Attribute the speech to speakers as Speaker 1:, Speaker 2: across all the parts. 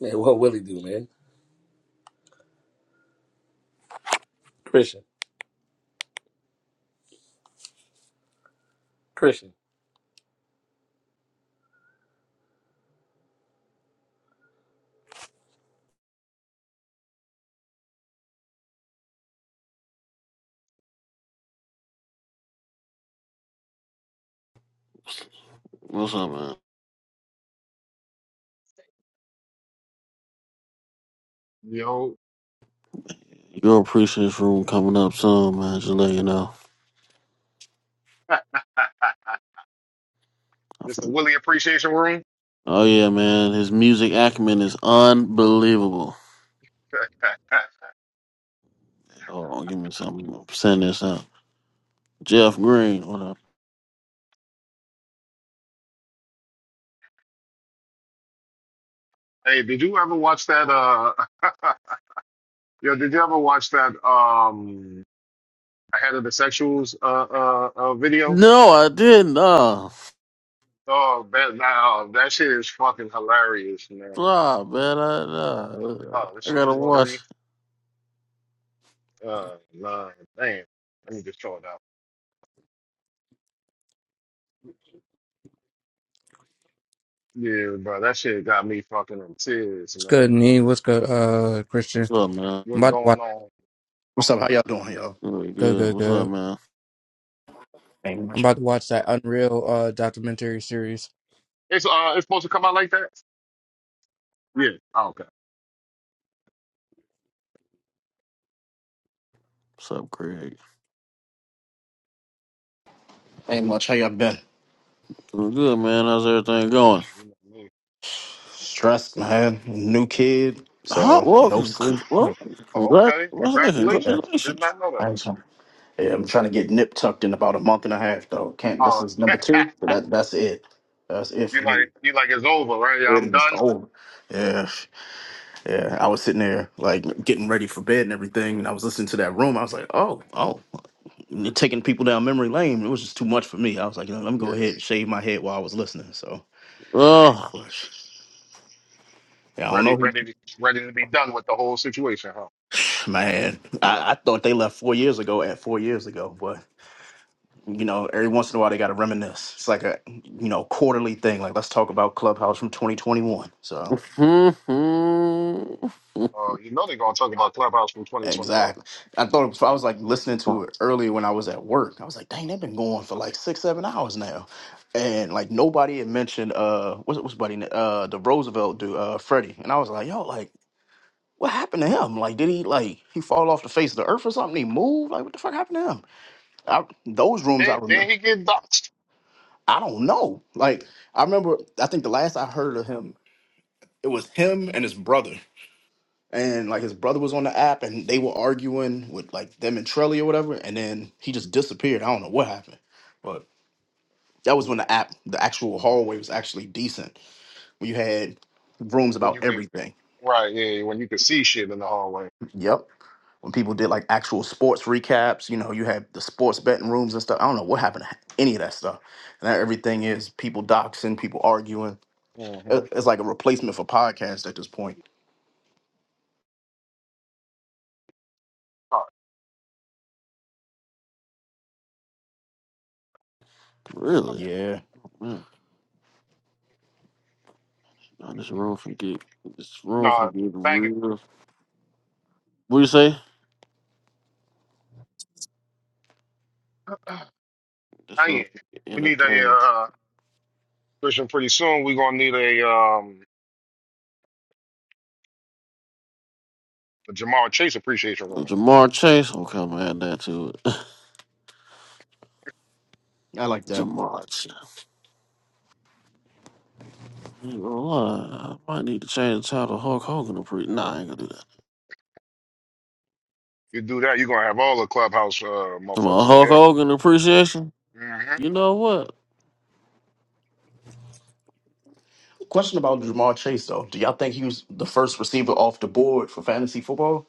Speaker 1: Man, what will he do, man? Christian. Christian.
Speaker 2: What's up, man?
Speaker 3: Yo,
Speaker 2: You'll appreciate this room coming up soon, man. Just let you know.
Speaker 3: Mr. Willie Appreciation Room.
Speaker 2: Oh yeah, man. His music acumen is unbelievable. Hold on, give me something. I'm gonna Send this out. Jeff Green. What up?
Speaker 3: hey, did you ever watch that? Uh, yo, did you ever watch that? Um, ahead of the sexuals uh, uh, uh video.
Speaker 2: No, I didn't. Nah,
Speaker 3: Oh, that now that shit is fucking hilarious, man.
Speaker 2: stop, man. I, nah.
Speaker 3: Oh, this
Speaker 2: I
Speaker 3: shit
Speaker 2: gotta watch.
Speaker 3: watery. Uh, nah, damn. Let me just throw it out. Yeah, bro, that shit got me fucking in tears,
Speaker 4: What's
Speaker 3: man.
Speaker 4: good, Nee? What's good, uh,
Speaker 2: What's
Speaker 4: Christian?
Speaker 2: up, man?
Speaker 4: I'm
Speaker 3: What's
Speaker 4: about to
Speaker 3: going
Speaker 4: watch.
Speaker 3: on?
Speaker 5: What's up? How y'all doing, y'all?
Speaker 2: Really
Speaker 4: Good,
Speaker 2: good.
Speaker 4: good,
Speaker 2: What's up,
Speaker 4: good.
Speaker 2: man?
Speaker 5: Ain't
Speaker 4: I'm
Speaker 5: much.
Speaker 4: about to watch that Unreal uh documentary series.
Speaker 3: It's uh, it's supposed to come out like that. Yeah. Oh,
Speaker 2: What's up, Craig?
Speaker 5: Ain't much. How y'all been?
Speaker 2: Doing good, man. How's everything going?
Speaker 3: okay.
Speaker 5: Stressed, man. New kid, so
Speaker 2: Hot
Speaker 5: no
Speaker 2: walking. Well, con-
Speaker 5: sleep.
Speaker 2: well,
Speaker 3: Oh,
Speaker 2: congrat.
Speaker 3: okay.
Speaker 2: What's that?
Speaker 5: Yeah,
Speaker 3: Congratulations. Did
Speaker 2: Congratulations.
Speaker 3: not know that.
Speaker 5: yeah I'm trying to get nip tucked in about a month and a half, though. Can't. This
Speaker 3: Uh,
Speaker 5: is number two. So that that's it. That's it
Speaker 3: you
Speaker 5: for me.
Speaker 3: like you like it's over, right? I'm done.
Speaker 5: Yeah, yeah. I was sitting there like getting ready for bed and everything, and I was listening to that room. I was like, oh, oh, you're taking people down memory lane. It was just too much for me. I was like, you know, let me go
Speaker 3: Yeah,
Speaker 5: ahead and shave my head while I was listening. So,
Speaker 2: Oh.
Speaker 5: yeah, I don't
Speaker 3: ready,
Speaker 5: know.
Speaker 3: ready, to, ready to be done with the whole situation, huh?
Speaker 5: Man, I, I thought they left four years ago. At four years ago, but you know, every once in a while they got to reminisce. It's like a you know quarterly thing. Like let's talk about Clubhouse from 2021. So
Speaker 2: Mm-hmm.
Speaker 3: Uh, you know they're gonna talk about Clubhouse from 2021.
Speaker 5: exactly, I thought I was like listening
Speaker 2: Fuck,
Speaker 5: to it earlier when I was at work. I was like, dang, they've been going for like six, seven hours now, and like nobody had mentioned uh what's what's buddy uh the Roosevelt dude uh Freddie, and I was like, yo, like what happened to him? Like did he like he fall off the face of the earth or something? He moved? Like what the fuck happened to him? I, those rooms I
Speaker 3: Then,
Speaker 5: remember.
Speaker 3: then he get doxxed.
Speaker 5: I don't know. Like I remember, I think the last I heard of him, it was him and his brother, and like his brother was on the app, and they were arguing with like them and Trelly or whatever, and then he just disappeared. I don't know what happened, but that was
Speaker 3: Yeah,
Speaker 5: when the app, the actual hallway was actually decent. When you had rooms
Speaker 3: when
Speaker 5: about
Speaker 3: you could,
Speaker 5: everything.
Speaker 3: right? Yeah, when you could see shit in the hallway.
Speaker 5: Yep. When people did like actual sports recaps, you know, you had the sports betting rooms and stuff. I don't know what happened to any of that stuff. And now everything is people doxing, people arguing
Speaker 3: Mm-hmm. All
Speaker 5: It- It's like a replacement for podcast at this point.
Speaker 3: right.
Speaker 2: really?
Speaker 5: Yeah,
Speaker 2: Man, nah, this room for get this room for
Speaker 3: No,
Speaker 2: get
Speaker 3: thank you.
Speaker 2: real. What you say? This
Speaker 3: Oh, yeah.
Speaker 2: room for get
Speaker 3: We need a
Speaker 2: entertaining.
Speaker 3: uh, Christian pretty soon. We're gonna need a um a Jamal Chase appreciation room.
Speaker 2: Oh, Jamar Chase. Okay, I'm gonna add that to it.
Speaker 5: I like that.
Speaker 2: Jamar Chase. I ain't gonna lie, I might need to change the title. Hulk Hogan appreciation. Nah, I ain't gonna do that.
Speaker 3: You do that, you're gonna have all the Clubhouse uh
Speaker 2: Come on,
Speaker 3: motherfuckers in
Speaker 2: Hulk
Speaker 3: here.
Speaker 2: Hogan appreciation.
Speaker 3: Mhm.
Speaker 2: You know what?
Speaker 5: Question about Jamar Chase though. Do y'all think he was the first receiver off the board for fantasy football?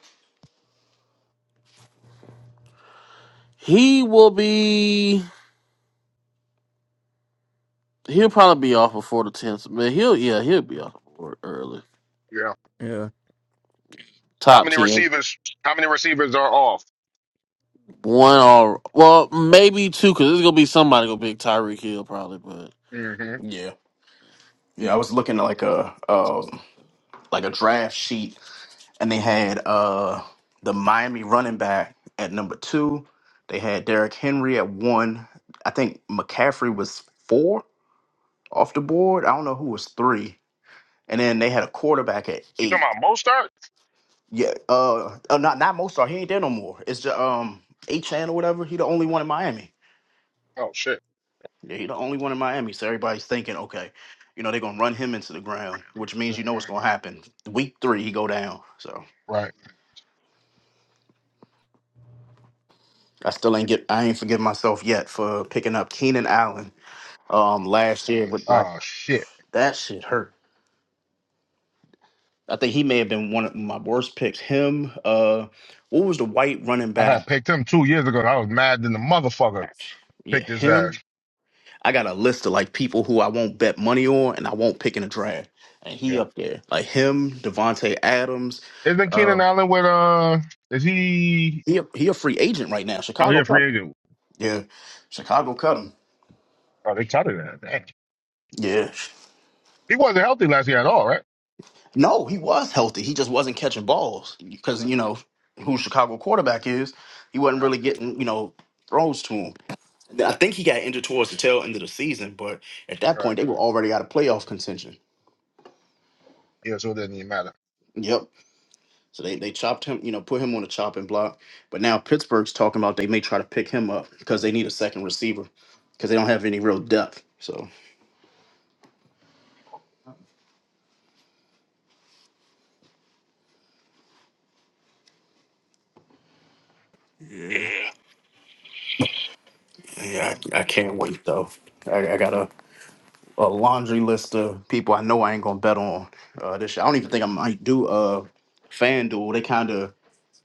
Speaker 2: He will be. He'll probably be off before the tenth. Man, he'll yeah, he'll be off before early.
Speaker 3: Yeah.
Speaker 4: Yeah.
Speaker 3: How
Speaker 2: Top
Speaker 3: many
Speaker 2: ten.
Speaker 3: receivers? How many receivers are off?
Speaker 2: One or well, maybe two, because there's gonna be somebody gonna pick Tyreek Hill probably, but
Speaker 3: hmm
Speaker 5: Yeah. Yeah, I was looking at like a um like a draft sheet and they had uh the Miami running back at number two. They had Derrick Henry at one. I think McCaffrey was four off the board. I don't know who was three. And then they had a quarterback at
Speaker 3: You
Speaker 5: eight.
Speaker 3: talking about Mostert?
Speaker 5: Yeah, uh, uh not not Mozart. He ain't there no more. It's just um A Chan or whatever. He the only one in Miami.
Speaker 3: Oh shit.
Speaker 5: Yeah, he the only one in Miami. So everybody's thinking, okay, you know they're gonna run him into the ground, which
Speaker 3: hmm
Speaker 5: means you know what's gonna happen. Week three, he go down. So
Speaker 3: Right.
Speaker 5: I still ain't get. I ain't forgive myself yet for picking up Keenan Allen um last year with like
Speaker 3: Oh shit.
Speaker 5: that shit hurt. I think he may have been one of my worst picks. Him, uh, what was the white running
Speaker 3: I had
Speaker 5: back?
Speaker 3: picked him two years ago. I was mad than the motherfucker
Speaker 5: Yeah,
Speaker 3: picked his
Speaker 5: him
Speaker 3: ass.
Speaker 5: I got a list of like people who I won't bet money on and I won't pick in a draft. And he
Speaker 3: Yeah.
Speaker 5: up there. Like him, Devontae Adams.
Speaker 3: Isn't
Speaker 5: Uh,
Speaker 3: Keenan Allen with uh is he
Speaker 5: he, a, he a free agent right now.
Speaker 3: oh he
Speaker 5: Chicago
Speaker 3: a
Speaker 5: cut
Speaker 3: free
Speaker 5: him.
Speaker 3: agent.
Speaker 5: Yeah. Chicago cut him.
Speaker 3: Oh they cut him that. Dang.
Speaker 5: Yeah.
Speaker 3: He wasn't healthy last year at all, right?
Speaker 5: No, he was healthy. He just wasn't catching balls because,
Speaker 3: Right.
Speaker 5: you know, who Chicago quarterback is, he wasn't really
Speaker 3: Right.
Speaker 5: getting, you know, throws to him. I think he got injured towards the tail end of the season, but at that
Speaker 3: right.
Speaker 5: point, they were already out of playoff contention.
Speaker 3: Yeah, so it doesn't even matter.
Speaker 5: Yep. So they, they chopped him, you know, put him on the chopping block. But now Pittsburgh's talking about they may try to pick him up because they need a second receiver because they don't have any real depth. So
Speaker 2: yeah.
Speaker 5: yeah, I, I can't wait though. I, I got a, a laundry list of people I know I ain't gonna bet on uh, this year. I don't even think I might do a uh, FanDuel. They kind of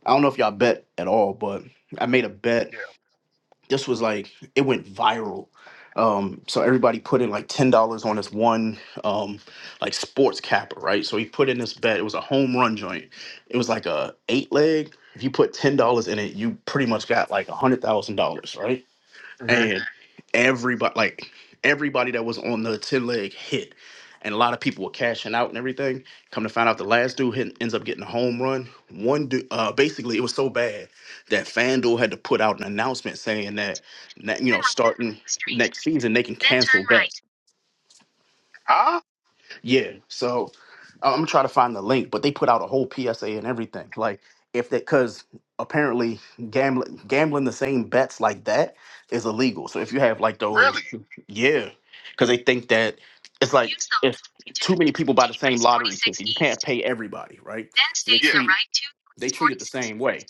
Speaker 5: I don't know if y'all bet at all, but I made a bet
Speaker 3: Yeah.
Speaker 5: this was like it went viral. Um, so everybody put in like ten dollars on this one um, like sports capper, right? So he put in this bet. It was a home run joint. It was like a eight leg. If you put ten dollars in it, you pretty much got like a hundred thousand dollars, right?
Speaker 3: hmm
Speaker 5: and everybody like everybody that was on the 10 leg hit and a lot of people were cashing out and everything come to find out the last dude hit, ends up getting a home run one dude uh, basically it was so bad that fanduel had to put out an announcement saying that, that you know starting next season they can cancel bets
Speaker 3: Huh?
Speaker 5: yeah. So I'm gonna try to find the link, but they put out a whole PSA and everything. Like if that because apparently gambling gambling the same bets like that is illegal. So if you have like those,
Speaker 3: Really?
Speaker 5: yeah, because they think that it's like if too many people buy the same lottery ticket, you can't pay everybody, right?
Speaker 3: Then
Speaker 5: So
Speaker 3: stay
Speaker 5: they
Speaker 3: yeah. the
Speaker 5: treat
Speaker 3: right.
Speaker 5: they treat it the same way.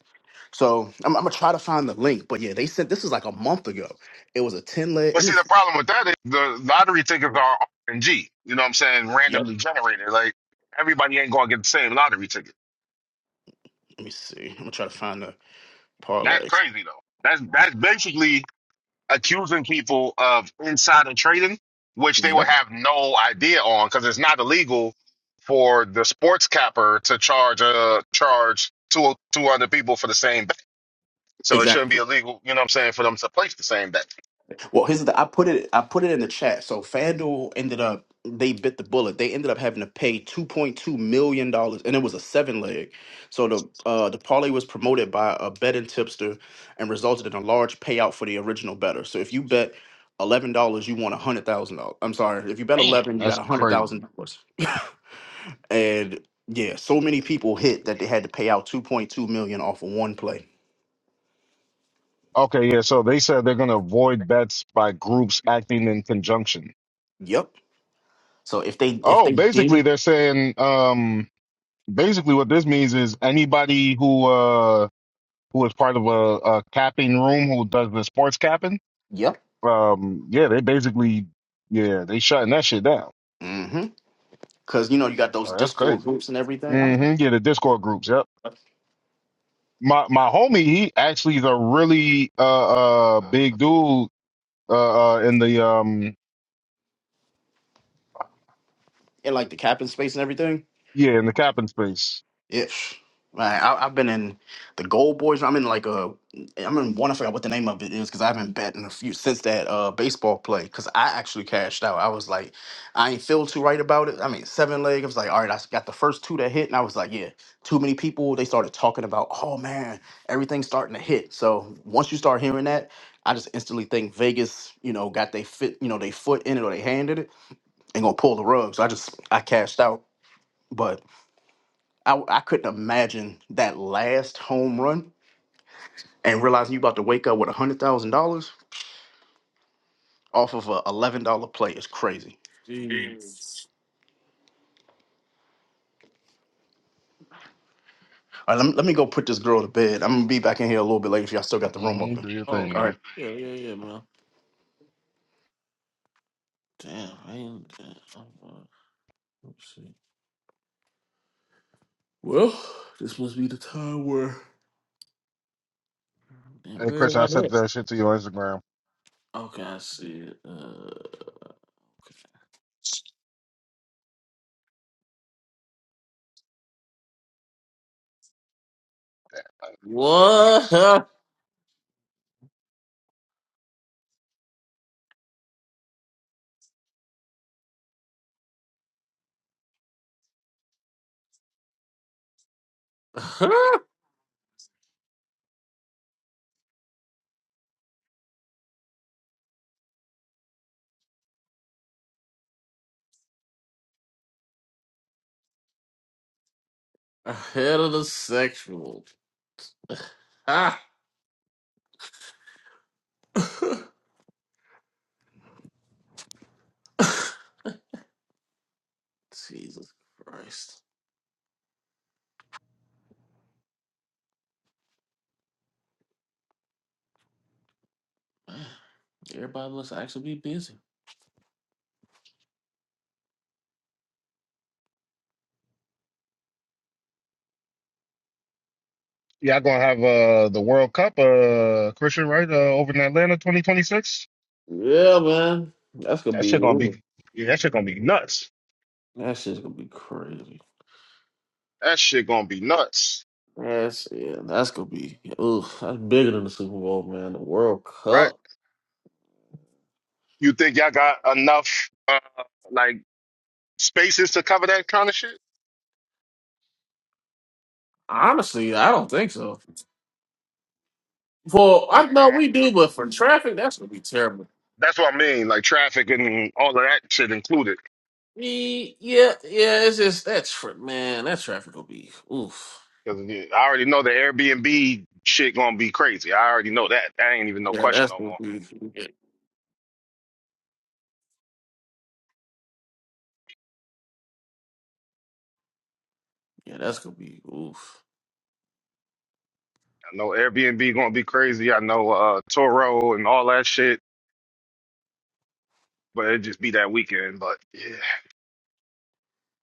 Speaker 5: So I'm, I'm gonna try to find the link, but yeah, they sent this is like a month ago. It was a ten leg.
Speaker 3: But
Speaker 5: Let
Speaker 3: see,
Speaker 5: me.
Speaker 3: the problem with that is the lottery tickets are RNG. You know what I'm saying?
Speaker 5: Yep.
Speaker 3: Randomly generated. Like everybody ain't gonna get the same lottery ticket.
Speaker 5: Let me see. I'm gonna try to find the
Speaker 3: That's
Speaker 5: parlay.
Speaker 3: crazy though. That's that's basically accusing people of insider trading, which they would
Speaker 5: Yep.
Speaker 3: have no idea on because it's not illegal for the sports capper to charge uh charge two two other people for the same bet. So it shouldn't
Speaker 5: Exactly.
Speaker 3: be illegal. You know what I'm saying? For them to place the same bet.
Speaker 5: Well, here's the I put it I put it in the chat. So FanDuel ended up they bit the bullet. They ended up having to pay two point two million dollars, and it was a seven leg. So the uh, the parlay was promoted by a betting tipster, and resulted in a large payout for the original better. So if you bet eleven dollars, you won a hundred thousand dollars. I'm sorry, if you bet
Speaker 3: Damn,
Speaker 5: eleven, you got
Speaker 3: that's
Speaker 5: a hundred
Speaker 3: crazy.
Speaker 5: thousand dollars. And yeah, so many people hit that they had to pay out two point two million off of one play.
Speaker 3: Okay, yeah. So they said they're going to avoid bets by groups acting in conjunction.
Speaker 5: Yep. So if they if
Speaker 3: Oh,
Speaker 5: they deem
Speaker 3: basically they're saying, um, basically what this means is anybody who uh who is part of a, a capping room who does the sports capping,
Speaker 5: yep.
Speaker 3: um, yeah, they basically, yeah, they shutting that shit down.
Speaker 5: because you know you got those
Speaker 3: Oh, that's
Speaker 5: Discord
Speaker 3: crazy.
Speaker 5: groups and everything. I don't know,
Speaker 3: hmm Yeah, the Discord groups. Yep. My my homie, he actually is a really uh uh big dude uh, uh in the um
Speaker 5: and like the capping space and everything.
Speaker 3: yeah in the capping space.
Speaker 5: Ish. Man, I, I've been in the Gold Boys. I'm in like a, I'm in one. I forgot what the name of it is because I haven't bet in a few since that uh baseball play. Because I actually cashed out. I was like, I ain't feel too right about it. I mean, seven leg. I was like, all right, I got the first two that hit, and I was like, yeah, too many people. They started talking about, oh man, everything's starting to hit. So once you start hearing that, I just instantly think Vegas, you know, got they fit, you know, they foot in it or they handed it and gonna pull the rug. So I just I cashed out. But I I couldn't imagine that last home run and realizing you about to wake up with a hundred thousand dollars off of a eleven dollar play is crazy.
Speaker 2: Jeez.
Speaker 5: All right, let me, let me go put this girl to bed. I'm gonna be back in here a little bit later if y'all still got the room
Speaker 3: hmm
Speaker 5: open.
Speaker 3: Do your thing,
Speaker 2: Oh,
Speaker 5: All right.
Speaker 3: man.
Speaker 2: yeah, yeah, yeah, man. Damn, I ain't. Damn. uh, Let's see. Well, this must be the time where. Damn,
Speaker 3: Hey,
Speaker 2: where
Speaker 3: Chris,
Speaker 2: am I
Speaker 3: I sent
Speaker 2: at?
Speaker 3: that shit to your Instagram.
Speaker 2: Okay, I see it. Uh,
Speaker 3: Memphis.
Speaker 2: what? Ahead of the sexual. Ah. Jesus Christ. Man, everybody must actually be busy.
Speaker 3: Y'all gonna have uh the World Cup, uh Christian, right? Uh, over in Atlanta, twenty twenty six.
Speaker 2: Yeah, man. That's gonna
Speaker 3: That
Speaker 2: be
Speaker 3: shit gonna
Speaker 2: ooh,
Speaker 3: be, yeah, that shit gonna be nuts.
Speaker 2: that shit's gonna be crazy.
Speaker 3: That shit gonna be nuts,
Speaker 2: That's yeah, that's gonna be ooh, that's bigger than the Super Bowl, man. The World
Speaker 3: right?
Speaker 2: Cup.
Speaker 3: You think y'all got enough uh like spaces to cover that kind of shit?
Speaker 2: Honestly, I don't think so. For
Speaker 3: hmm
Speaker 2: I know we do, but for traffic, that's gonna be terrible.
Speaker 3: That's what I mean, like traffic and all of that shit included.
Speaker 2: E- Yeah, yeah, it's just that tra- man, that traffic will be oof.
Speaker 3: Because I already know the Airbnb shit gonna be crazy. I already know that. That ain't even no
Speaker 2: Yeah,
Speaker 3: question
Speaker 2: that's
Speaker 3: no
Speaker 2: gonna
Speaker 3: more.
Speaker 2: be yeah, yeah, that's gonna be oof.
Speaker 3: I know Airbnb gonna be crazy. I know uh Toro and all that shit, but it just be that weekend. But yeah,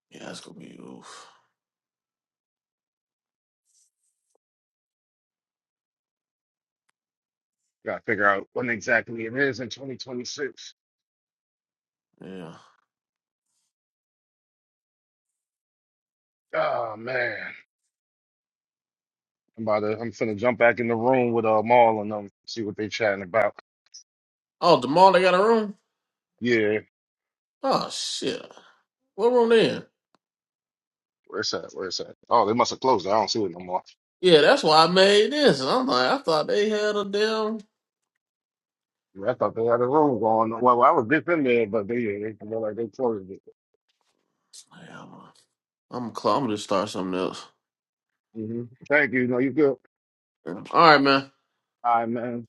Speaker 2: Yeah, that's gonna be oof.
Speaker 3: gotta figure out when exactly it is in 2026.
Speaker 2: Yeah.
Speaker 3: Oh man, I'm about to. I'm finna jump back in the room with uh Maul and them. See what they chatting about.
Speaker 2: Oh, Demar, they got a room.
Speaker 3: Yeah,
Speaker 2: Oh shit, what room they in?
Speaker 3: where's that? Where's that? Oh, they must have closed. it. I don't see it no more.
Speaker 2: Yeah, that's why I made this. And I'm like, I thought they had a damn.
Speaker 3: Yeah, I thought they had a room going. Well, I was just in there, but they yeah, they feel like they closed it.
Speaker 2: Yeah, I'm, I'm, cl- I'm gonna just start something else.
Speaker 3: hmm Thank you. No, you good?
Speaker 2: All right, man.
Speaker 3: All right, man.